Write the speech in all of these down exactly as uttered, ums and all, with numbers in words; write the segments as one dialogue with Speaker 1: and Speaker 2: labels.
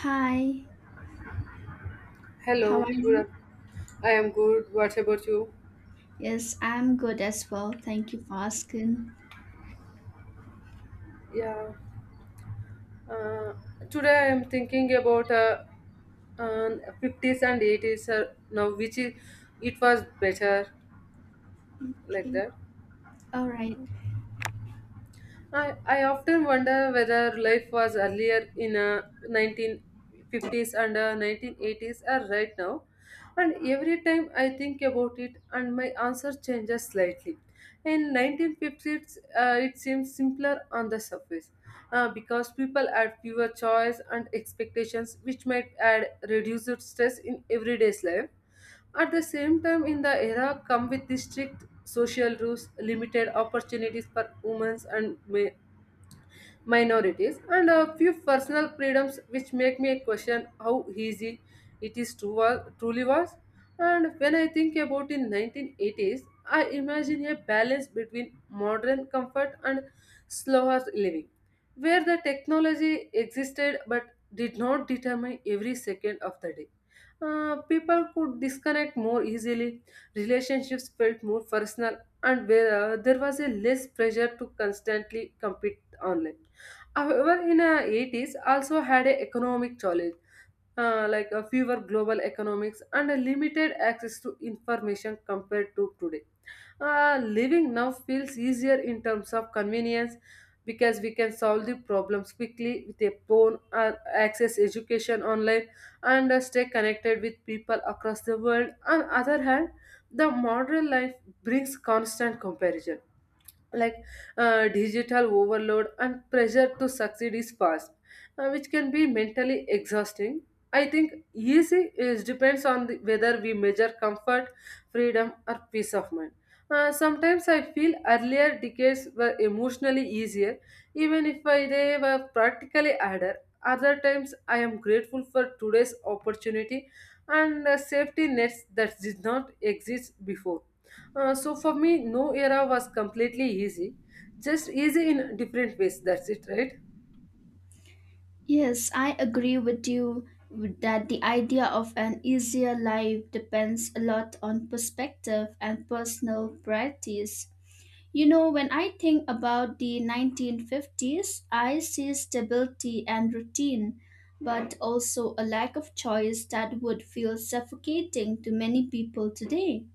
Speaker 1: Hi, how
Speaker 2: Hello,
Speaker 1: are
Speaker 2: good.
Speaker 1: you?
Speaker 2: af- I am good. What about you?
Speaker 1: Yes, I'm good as well. Thank you for asking.
Speaker 2: Yeah. Uh, Today I am thinking about uh, um, fifties and eighties. Uh, now, which is, it was better like
Speaker 1: Okay,
Speaker 2: that.
Speaker 1: all right.
Speaker 2: I, I often wonder whether life was earlier in uh, nineteen fifties and uh, nineteen eighties or right now. And every time I think about it, and my answer changes slightly. In nineteen fifties, uh, it seems simpler on the surface uh, because people had fewer choice and expectations, which might add reduced stress in everyday's life. At the same time, in the era come with the strict social rules, limited opportunities for women and ma minorities, and a few personal freedoms which make me question how easy it is to wa- truly was. And when I think about in nineteen eighties, I imagine a balance between modern comfort and slower living, where the technology existed but did not determine every second of the day. Uh, people could disconnect more easily, relationships felt more personal, and where, uh, there was a less pressure to constantly compete online. However, in the eighties also had an economic challenge, uh, like a fewer global economics and a limited access to information compared to today. Uh, living now feels easier in terms of convenience because we can solve the problems quickly with a phone or access education online and uh, stay connected with people across the world. On other hand, the modern life brings constant comparison like uh, digital overload and pressure to succeed is fast, uh, which can be mentally exhausting. I think easy is depends on the, whether we measure comfort, freedom, or peace of mind. Uh, sometimes I feel earlier decades were emotionally easier, even if I, they were practically harder. Other times I am grateful for today's opportunity and uh, safety nets that did not exist before. Uh, so for me, no era was completely easy, just easy in different ways. That's it, right?
Speaker 1: Yes, I agree with you with that the idea of an easier life depends a lot on perspective and personal priorities. You know, when I think about the nineteen fifties, I see stability and routine, but also a lack of choice that would feel suffocating to many people today.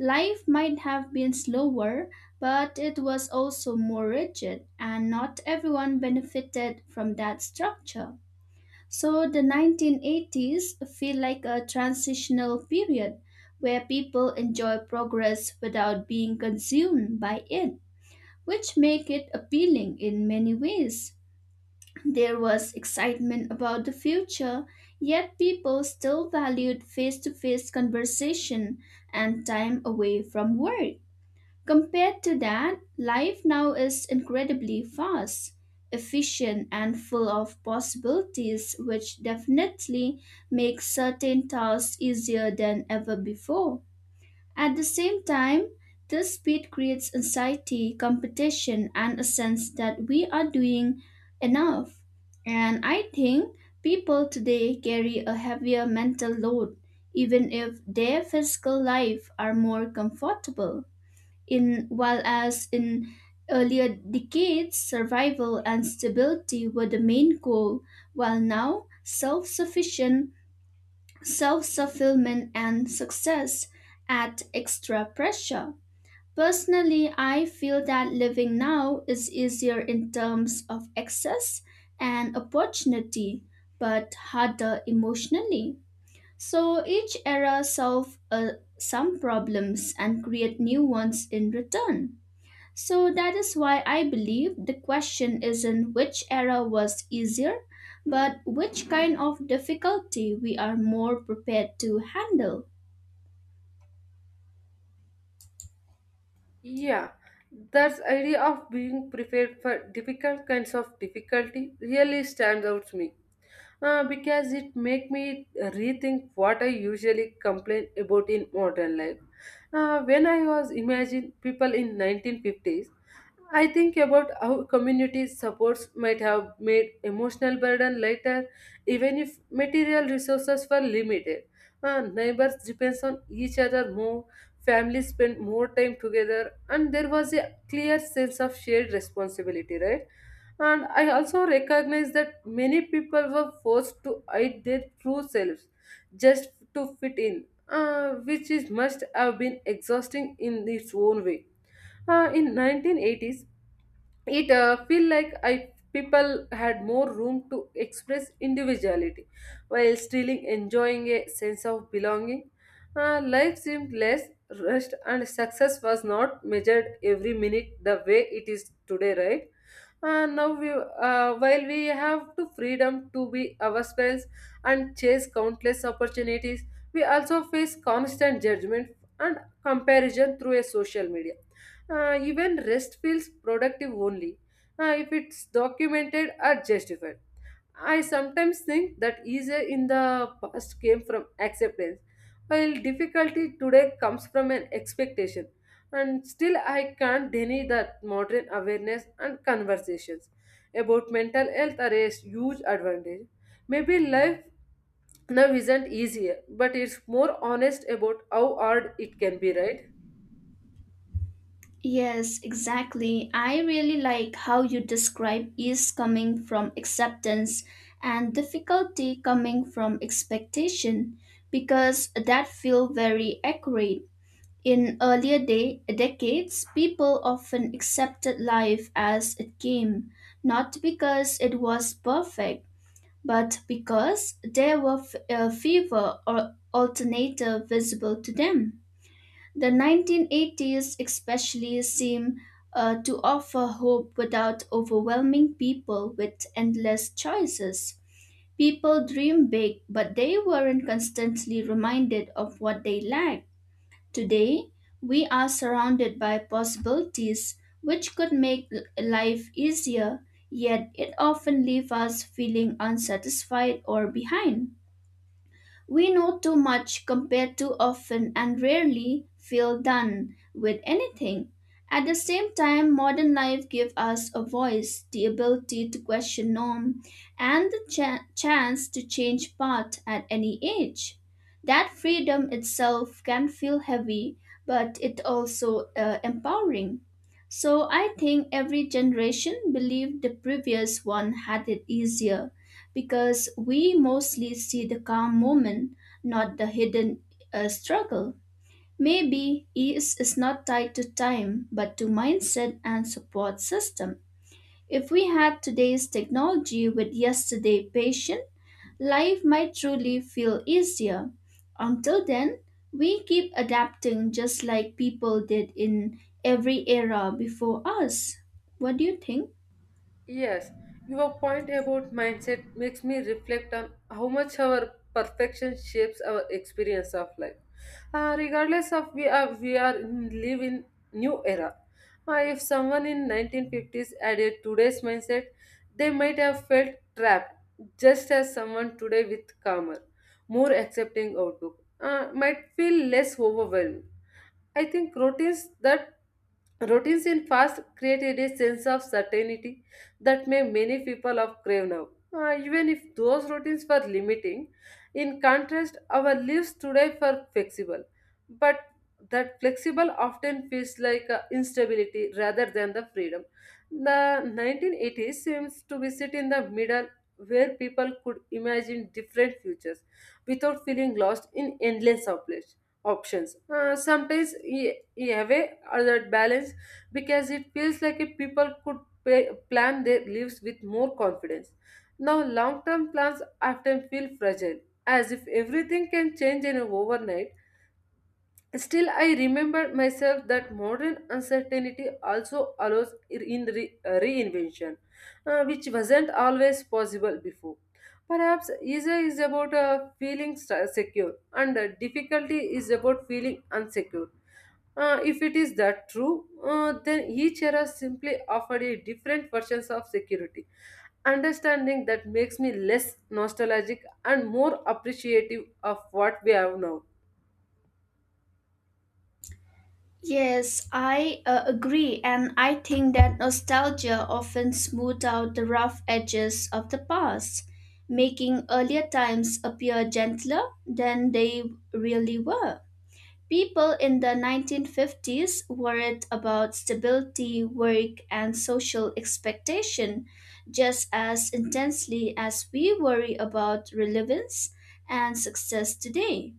Speaker 1: Life might have been slower, but it was also more rigid, and not everyone benefited from that structure. So the nineteen eighties feel like a transitional period where people enjoy progress without being consumed by it, which make it appealing in many ways. There was excitement about the future, yet people still valued face-to-face conversation and time away from work. Compared to that, life now is incredibly fast, efficient, and full of possibilities, which definitely makes certain tasks easier than ever before. At the same time, this speed creates anxiety, competition, and a sense that we are doing enough. And I think people today carry a heavier mental load, even if their physical life are more comfortable in while as in earlier decades survival and stability were the main goal while now self-sufficient self-fulfillment and success add extra pressure personally I feel that living now is easier in terms of access and opportunity but harder emotionally so each era solves uh, some problems and create new ones in return so that is why I believe the question isn't which era was easier, but which kind of difficulty we are more prepared to handle.
Speaker 2: Yeah, that idea of being prepared for difficult kinds of difficulty really stands out to me uh, because it make me rethink what I usually complain about in modern life. Uh, when I was imagine people in nineteen fifties, I think about how community supports might have made emotional burden lighter, even if material resources were limited. Uh, neighbors depends on each other more, families spend more time together, and there was a clear sense of shared responsibility, right? And I also recognize that many people were forced to hide their true selves just to fit in, uh, which is must have been exhausting in its own way. Uh, in nineteen eighties, it uh, feel like I people had more room to express individuality while still enjoying a sense of belonging. Uh, life seemed less rushed and success was not measured every minute the way it is today, right? Uh, now we uh, While we have the freedom to be ourselves and chase countless opportunities, we also face constant judgment and comparison through a social media. Uh, even rest feels productive only uh, if it's documented or justified. I sometimes think that ease in the past came from acceptance, while difficulty today comes from an expectation. And still, I can't deny that modern awareness and conversations about mental health are a huge advantage. Maybe life now isn't easier, but it's more honest about how hard it can be, right?
Speaker 1: Yes, exactly. I really like how you describe ease coming from acceptance and difficulty coming from expectation because that feel very accurate. In earlier day, decades, people often accepted life as it came, not because it was perfect, but because there were f- uh, fewer or alternative visible to them. The nineteen eighties especially seem uh, to offer hope without overwhelming people with endless choices. People dream big, but they weren't constantly reminded of what they lack. Today, we are surrounded by possibilities which could make l- life easier, yet it often leaves us feeling unsatisfied or behind. We know too much, compare too often, and rarely feel done with anything. At the same time, modern life gives us a voice, the ability to question norm, and the cha- chance to change path at any age. That freedom itself can feel heavy, but it also uh, empowering. So I think every generation believed the previous one had it easier because we mostly see the calm moment, not the hidden uh, struggle. Maybe ease is not tied to time, but to mindset and support system. If we had today's technology with yesterday's patient, life might truly feel easier. Until then, we keep adapting just like people did in every era before us. What do you think?
Speaker 2: Yes, your point about mindset makes me reflect on how much our perfection shapes our experience of life. Uh, regardless of we are we are in, live in new era. Uh, if someone in nineteen fifties added today's mindset, they might have felt trapped, just as someone today with calmer, more accepting outlook uh, might feel less overwhelmed. I think routines that Routines in fast created a sense of certainty that made many people of crave now. Uh, even if those routines were limiting, in contrast, our lives today were flexible. But that flexible often feels like uh, instability rather than the freedom. The nineteen eighties seems to be sit in the middle where people could imagine different futures without feeling lost in endless options options. Uh, sometimes you have a way or that balance because it feels like if people could pay, plan their lives with more confidence. Now, long term plans often feel fragile, as if everything can change in an overnight. Still, I remembered myself that modern uncertainty also allows in re- uh, reinvention, uh, which wasn't always possible before. Perhaps easier is about uh, feeling se- secure, and uh, difficulty is about feeling unsecure. Uh, if it is that true, uh, then each era simply offered a different versions of security. Understanding that makes me less nostalgic and more appreciative of what we have now.
Speaker 1: Yes, I uh, agree, and I think that nostalgia often smooths out the rough edges of the past, making earlier times appear gentler than they really were. People in the nineteen fifties worried about stability, work, and social expectation just as intensely as we worry about relevance and success today.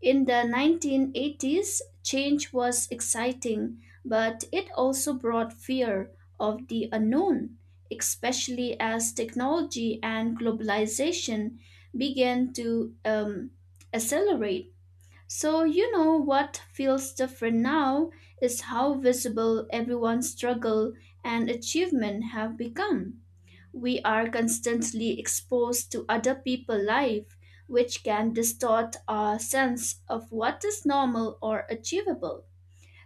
Speaker 1: In the nineteen eighties, change was exciting, but it also brought fear of the unknown, especially as technology and globalization began to um, accelerate. So, you know, what feels different now is how visible everyone's struggle and achievement have become. We are constantly exposed to other people's life, which can distort our sense of what is normal or achievable.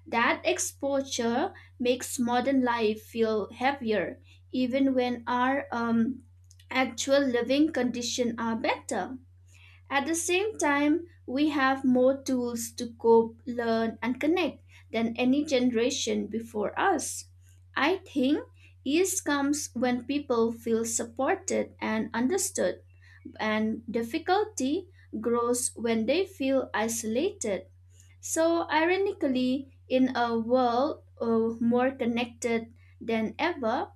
Speaker 1: That exposure makes modern life feel heavier, even when our um, actual living conditions are better. At the same time, we have more tools to cope, learn, and connect than any generation before us. I think ease comes when people feel supported and understood, and difficulty grows when they feel isolated. So, ironically, in a world uh, more connected than ever,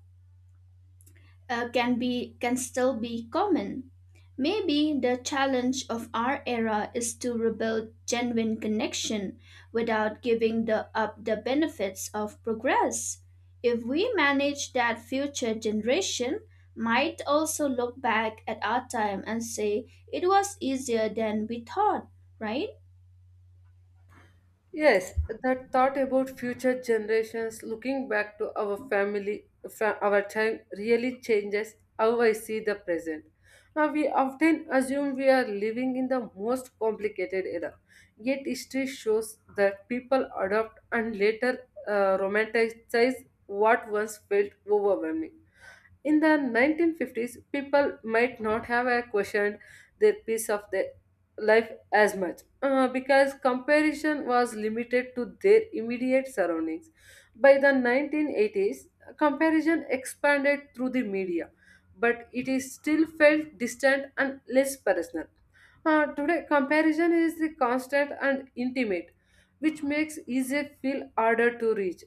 Speaker 1: uh, can be can still be common. Maybe the challenge of our era is to rebuild genuine connection without giving the, up the benefits of progress. If we manage that future generation might also look back at our time and say it was easier than we thought, right?
Speaker 2: Yes, that thought about future generations looking back to our family, fa- our time really changes how I see the present. Now, we often assume we are living in the most complicated era, yet, history shows that people adopt and later uh, romanticize what once felt overwhelming. In the nineteen fifties, people might not have uh, questioned their piece of their life as much uh, because comparison was limited to their immediate surroundings. By the nineteen eighties, comparison expanded through the media, but it is still felt distant and less personal. Uh, today, comparison is the constant and intimate, which makes easy feel harder to reach.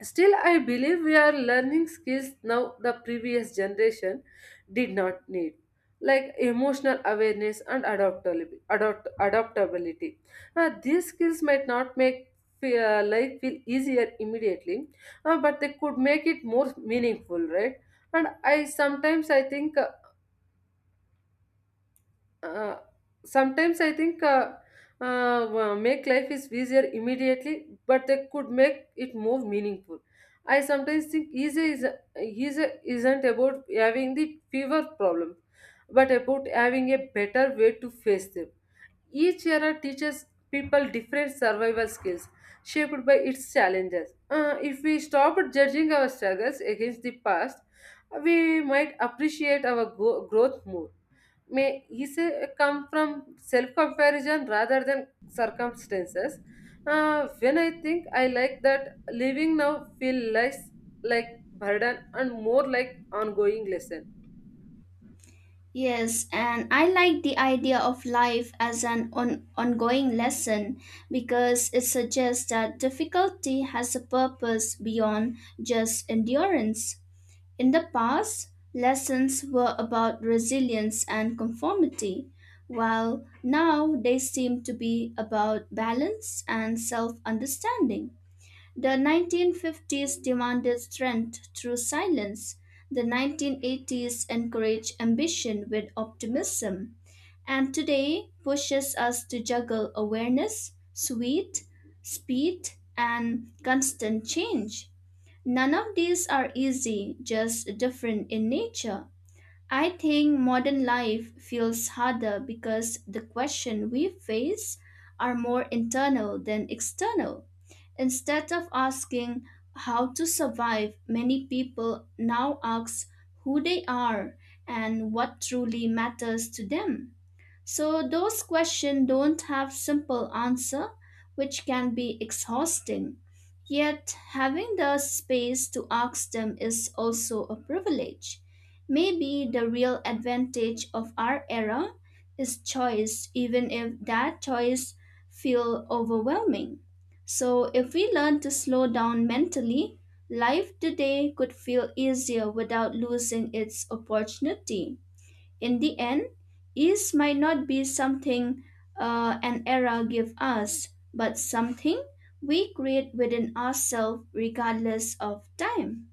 Speaker 2: Still, I believe we are learning skills now the previous generation did not need, like emotional awareness and adaptability. Adopt, adaptability. Now, these skills might not make fe- uh, life feel easier immediately, uh, but they could make it more meaningful, right? And I sometimes I think uh, uh, sometimes I think uh, uh, wa- Make life is easier immediately but they could make it more meaningful. I sometimes think easy is easy isn't about having the fever problem but about having a better way to face them. Each era teaches people different survival skills shaped by its challenges. Uh, if we stop judging our struggles against the past, we might appreciate our go- growth more. May he say uh, Come from self comparison rather than circumstances. Uh, when I think I like that living now feel less like burden and more like ongoing lesson.
Speaker 1: Yes, and I like the idea of life as an on- ongoing lesson because it suggests that difficulty has a purpose beyond just endurance. In the past, lessons were about resilience and conformity, while now they seem to be about balance and self understanding. The nineteen fifties demanded strength through silence. The nineteen eighties encouraged ambition with optimism. And today pushes us to juggle awareness, sweet, speed, and constant change. None of these are easy, just different in nature. I think modern life feels harder because the questions we face are more internal than external. Instead of asking how to survive, many people now ask who they are and what truly matters to them. So those questions don't have simple answer, which can be exhausting. Yet having the space to ask them is also a privilege. Maybe the real advantage of our era is choice, even if that choice feel overwhelming. So if we learn to slow down mentally, life today could feel easier without losing its opportunity. In the end, ease might not be something uh, an era gives us, but something we create within ourselves regardless of time.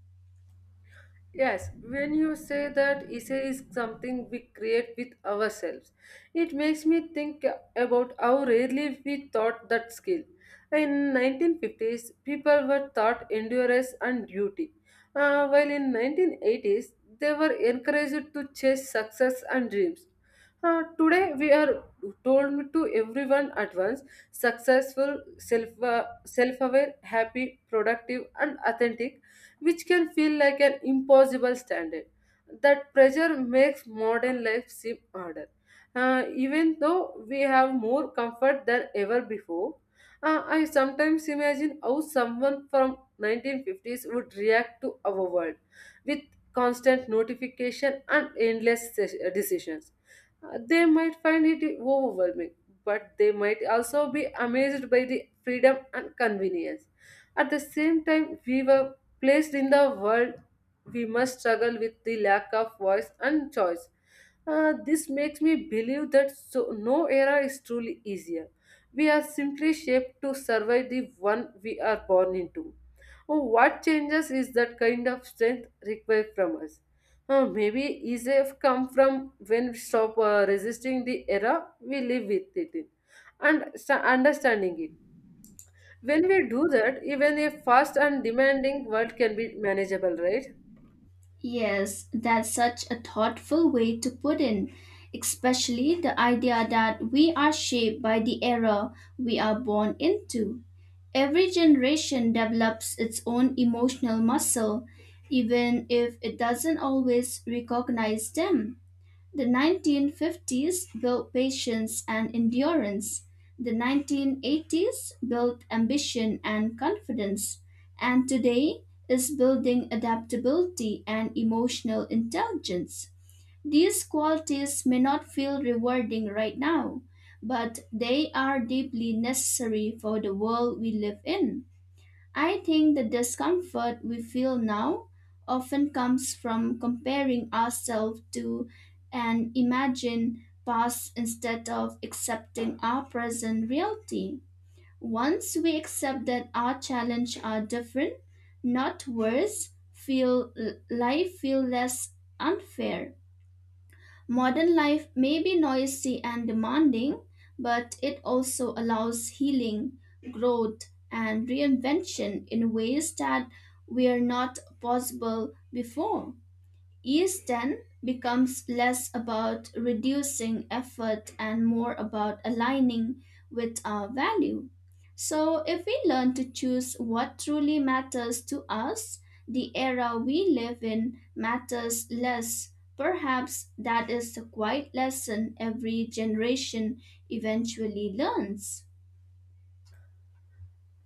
Speaker 2: Yes, when you say that essay is something we create with ourselves, it makes me think about how rarely we taught that skill. In nineteen fifties, people were taught endurance and duty, uh, while in nineteen eighties they were encouraged to chase success and dreams. Uh, today we are told to everyone at once successful, self uh, self-aware, happy, productive, and authentic, which can feel like an impossible standard. That pressure makes modern life seem harder. Uh, even though we have more comfort than ever before, uh, I sometimes imagine how someone from nineteen fifties would react to our world with constant notification and endless se- decisions. Uh, they might find it overwhelming, but they might also be amazed by the freedom and convenience. At the same time, we were placed in the world, we must struggle with the lack of voice and choice. Uh, this makes me believe that so no era is truly easier. We are simply shaped to survive the one we are born into. Oh, what changes is that kind of strength required from us? Uh, maybe easier come from when we stop uh, resisting the era we live with it in and sta- understanding it. When we do that, even a fast and demanding world can be manageable, right?
Speaker 1: Yes, that's such a thoughtful way to put in, especially the idea that we are shaped by the era we are born into. Every generation develops its own emotional muscle, even if it doesn't always recognize them. The nineteen fifties built patience and endurance. The nineteen eighties built ambition and confidence. And today is building adaptability and emotional intelligence. These qualities may not feel rewarding right now, but they are deeply necessary for the world we live in. I think the discomfort we feel now often comes from comparing ourselves to an imagined past instead of accepting our present reality. Once we accept that our challenges are different, not worse, feel life feel less unfair. Modern life may be noisy and demanding, but it also allows healing, growth, and reinvention in ways that were not possible before. Ease then becomes less about reducing effort and more about aligning with our value. So, if we learn to choose what truly matters to us, the era we live in matters less. Perhaps that is the quiet lesson every generation eventually learns.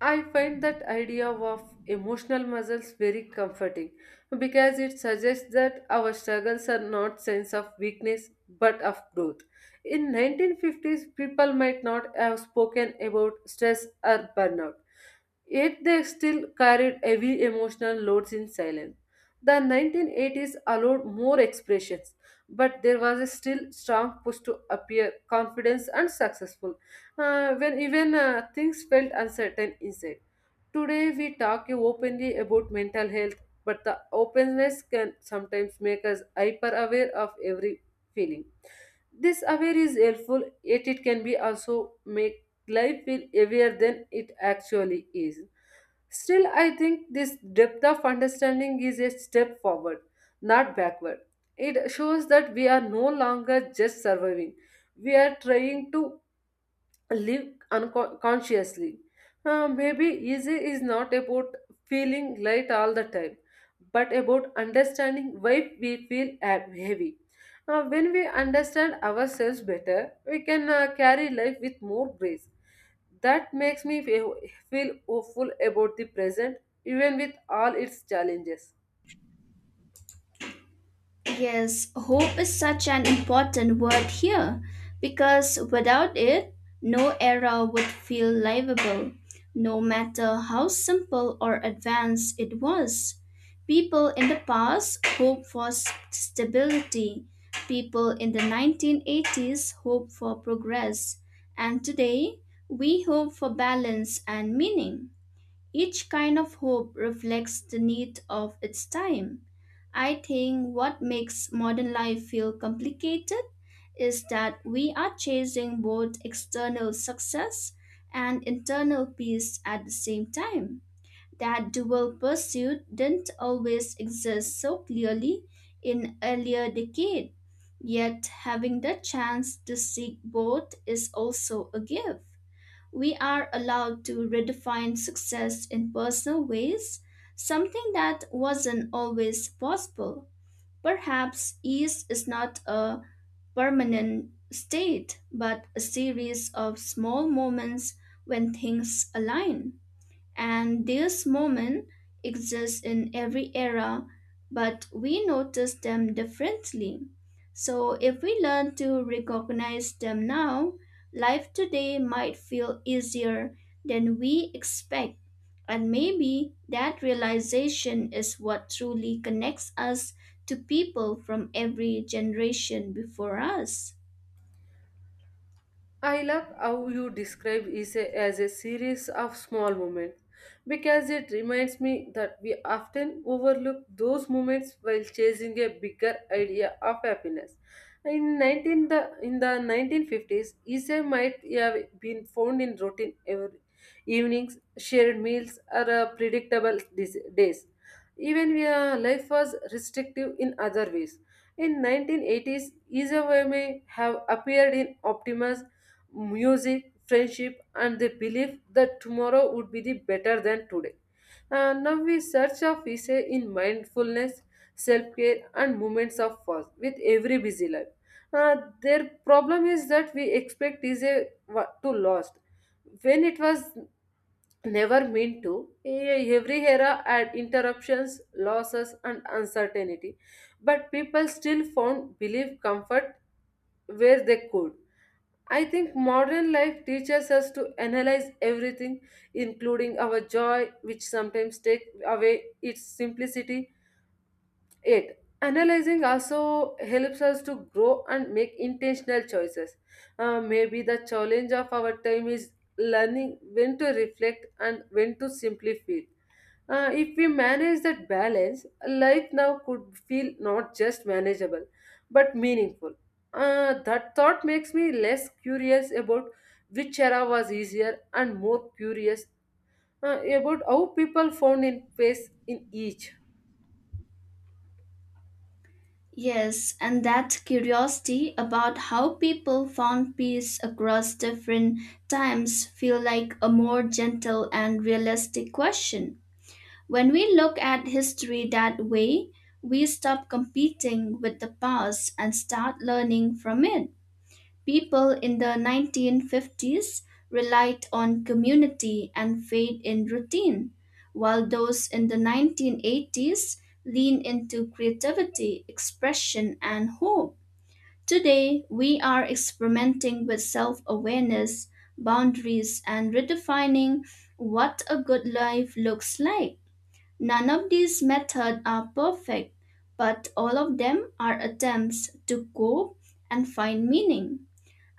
Speaker 2: I find that idea of emotional muscles very comforting because it suggests that our struggles are not sense of weakness but of growth. In nineteen fifties, people might not have spoken about stress or burnout, yet they still carried heavy emotional loads in silence. The nineteen eighties allowed more expressions, but there was a still strong push to appear confident and successful uh, when even uh, things felt uncertain inside. Today, we talk openly about mental health, but the openness can sometimes make us hyper aware of every feeling. This aware is helpful yet it can be also make life feel heavier than it actually is. Still, I think this depth of understanding is a step forward, not backward. It shows that we are no longer just surviving, we are trying to live unconsciously. Uh, maybe easy is not about feeling light all the time, but about understanding why we feel ab- heavy. Uh, when we understand ourselves better, we can uh, carry life with more grace. That makes me fe- feel hopeful about the present, even with all its challenges.
Speaker 1: Yes, hope is such an important word here because without it, no era would feel livable, no matter how simple or advanced it was. People in the past hoped for s- stability, people in the nineteen eighties hoped for progress, and today we hope for balance and meaning. Each kind of hope reflects the need of its time. I think what makes modern life feel complicated is that we are chasing both external success and internal peace at the same time. That dual pursuit didn't always exist so clearly in earlier decades, yet having the chance to seek both is also a gift we are allowed to redefine success in personal ways, something that wasn't always possible. Perhaps ease is not a permanent state, but a series of small moments when things align and these moments exist in every era, but we notice them differently. So, if we learn to recognize them now, life today might feel easier than we expect. And maybe that realization is what truly connects us to people from every generation before us.
Speaker 2: I love how you describe it as a series of small moments because it reminds me that we often overlook those moments while chasing a bigger idea of happiness. In nineteen the in the nineteen fifties, Ise might have been found in routine every evenings, shared meals, or uh, predictable dis- days. Even where life was restrictive in other ways. In nineteen eighties, Ise may have appeared in Optimus music, friendship, and the belief that tomorrow would be the better than today. Uh, now we search of peace in mindfulness, self-care, and moments of pause with every busy life. Uh, their problem is that we expect is a wa- to lost when it was never meant to. e- Every era had interruptions, losses, and uncertainty, but people still found belief comfort where they could. I think modern life teaches us to analyze everything, including our joy, which sometimes takes away its simplicity. eight. Analyzing also helps us to grow and make intentional choices. Uh, maybe the challenge of our time is learning when to reflect and when to simply feel. Uh, if we manage that balance, life now could feel not just manageable but meaningful. Uh, that thought makes me less curious about which era was easier and more curious uh, about how people found in place in each.
Speaker 1: Yes, and that curiosity about how people found peace across different times feel like a more gentle and realistic question. When we look at history that way, we stop competing with the past and start learning from it. People in the nineteen fifties relied on community and faith in routine, while those in the nineteen eighties leaned into creativity, expression, and hope. Today, we are experimenting with self awareness, boundaries, and redefining what a good life looks like. None of these methods are perfect, but all of them are attempts to cope and find meaning.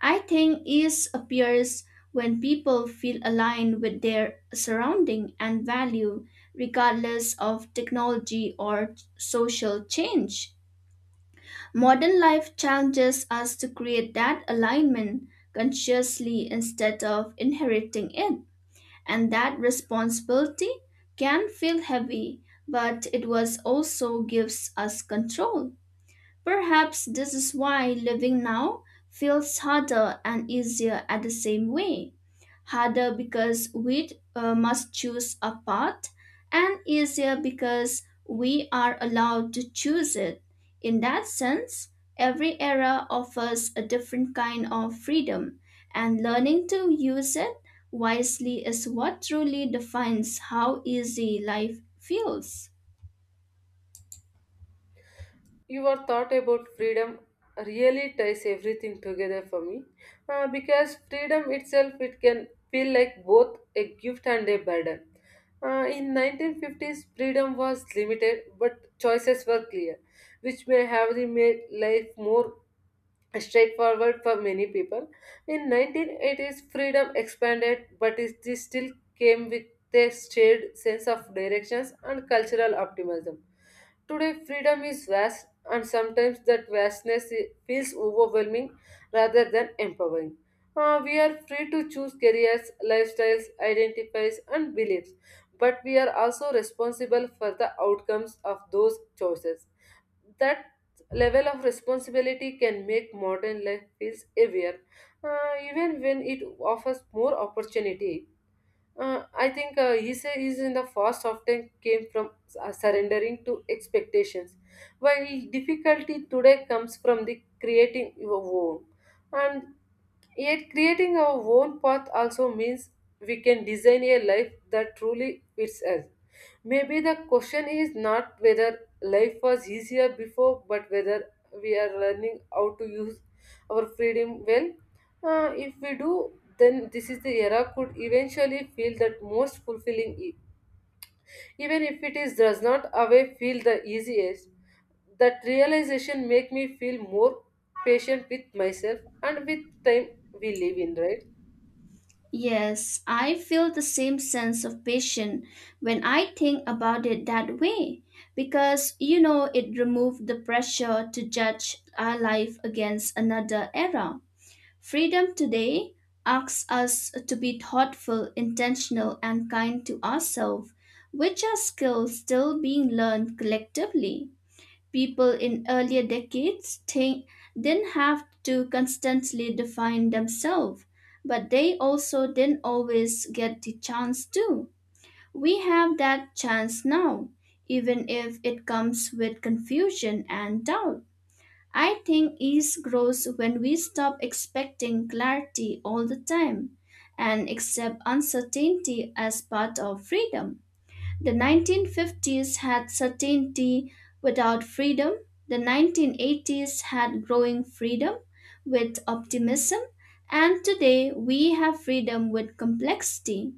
Speaker 1: I think ease appears when people feel aligned with their surrounding and value, regardless of technology or social change. Modern life challenges us to create that alignment consciously instead of inheriting it, and that responsibility can feel heavy, but it was also gives us control. Perhaps this is why living now feels harder and easier at the same way. Harder because we uh, must choose a path, and easier because we are allowed to choose it. In that sense, every era offers a different kind of freedom, and learning to use it wisely is what truly defines how easy life feels.
Speaker 2: Your thought about freedom really ties everything together for me, Uh, because freedom itself it can feel like both a gift and a burden. Uh, in nineteen fifties, freedom was limited but choices were clear, which may have made life more straightforward for many people. In nineteen eighties, freedom expanded but it still came with a shared sense of directions and cultural optimism. Today, freedom is vast, and sometimes that vastness i- feels overwhelming rather than empowering. Uh, we are free to choose careers, lifestyles, identities, and beliefs, but we are also responsible for the outcomes of those choices. That level of responsibility can make modern life feels heavier, uh, even when it offers more opportunity. Uh, I think uh, he said he's in the first often came from uh, surrendering to expectations, while difficulty today comes from the creating your own. And yet, creating our own path also means we can design a life that truly fits us. Maybe the question is not whether life was easier before, but whether we are learning how to use our freedom well. Uh, if we do, then this is the era could eventually feel that most fulfilling, even if it is does not away feel the easiest. That realization make me feel more patient with myself and with time we live in, right?
Speaker 1: Yes, I feel the same sense of patience when I think about it that way because you know it removed the pressure to judge our life against another era. Freedom today asks us to be thoughtful, intentional, and kind to ourselves, which are skills still being learned collectively. People in earlier decades thi- didn't have to constantly define themselves, but they also didn't always get the chance to. We have that chance now, even if it comes with confusion and doubt. I think ease grows when we stop expecting clarity all the time and accept uncertainty as part of freedom. The nineteen fifties had certainty without freedom. The nineteen eighties had growing freedom with optimism. And today we have freedom with complexity.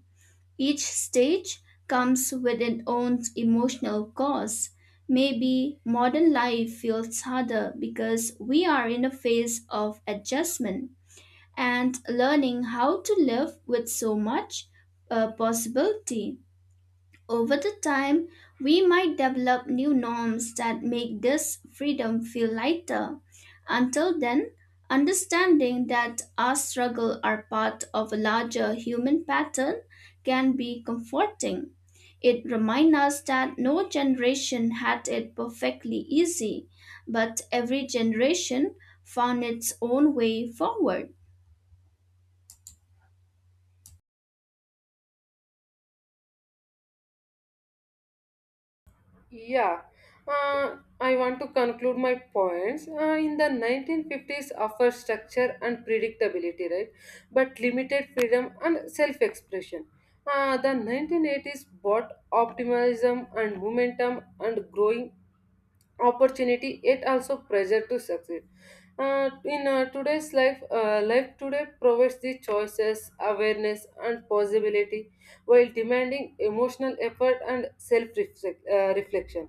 Speaker 1: Each stage comes with its own emotional cause. Maybe modern life feels harder because we are in a phase of adjustment and learning how to live with so much uh, possibility. Over the time, we might develop new norms that make this freedom feel lighter. Until then, understanding that our struggles are part of a larger human pattern can be comforting. It reminds us that no generation had it perfectly easy, but every generation found its own way forward.
Speaker 2: Yeah. uh, I want to conclude my points. Uh, in the nineteen fifties offer structure and predictability, right, but limited freedom and self-expression. Uh, the nineteen eighties brought optimism and momentum and growing opportunity, yet also pressure to succeed. Uh, in uh, Today's life, uh, life today provides the choices awareness and possibility while demanding emotional effort and self uh, reflection.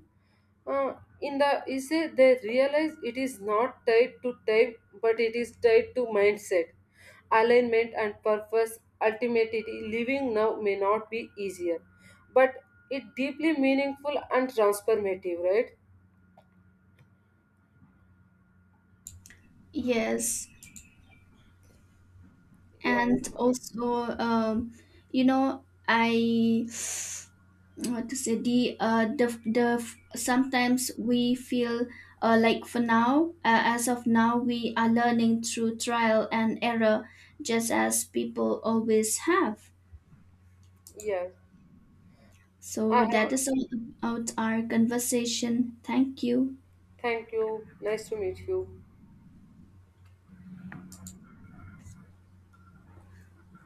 Speaker 2: uh, in the essay they realize it is not tied to time but it is tied to mindset, alignment and purpose. Ultimately, living now may not be easier but it deeply meaningful and transformative, right?
Speaker 1: Yes,
Speaker 2: Yeah.
Speaker 1: and also, um, you know, I. what to say the uh the the sometimes we feel uh like for now uh, as of now we are learning through trial and error just as people always have
Speaker 2: Yes, I
Speaker 1: so that
Speaker 2: have.
Speaker 1: is all about our conversation thank you
Speaker 2: Thank you. Nice to meet you.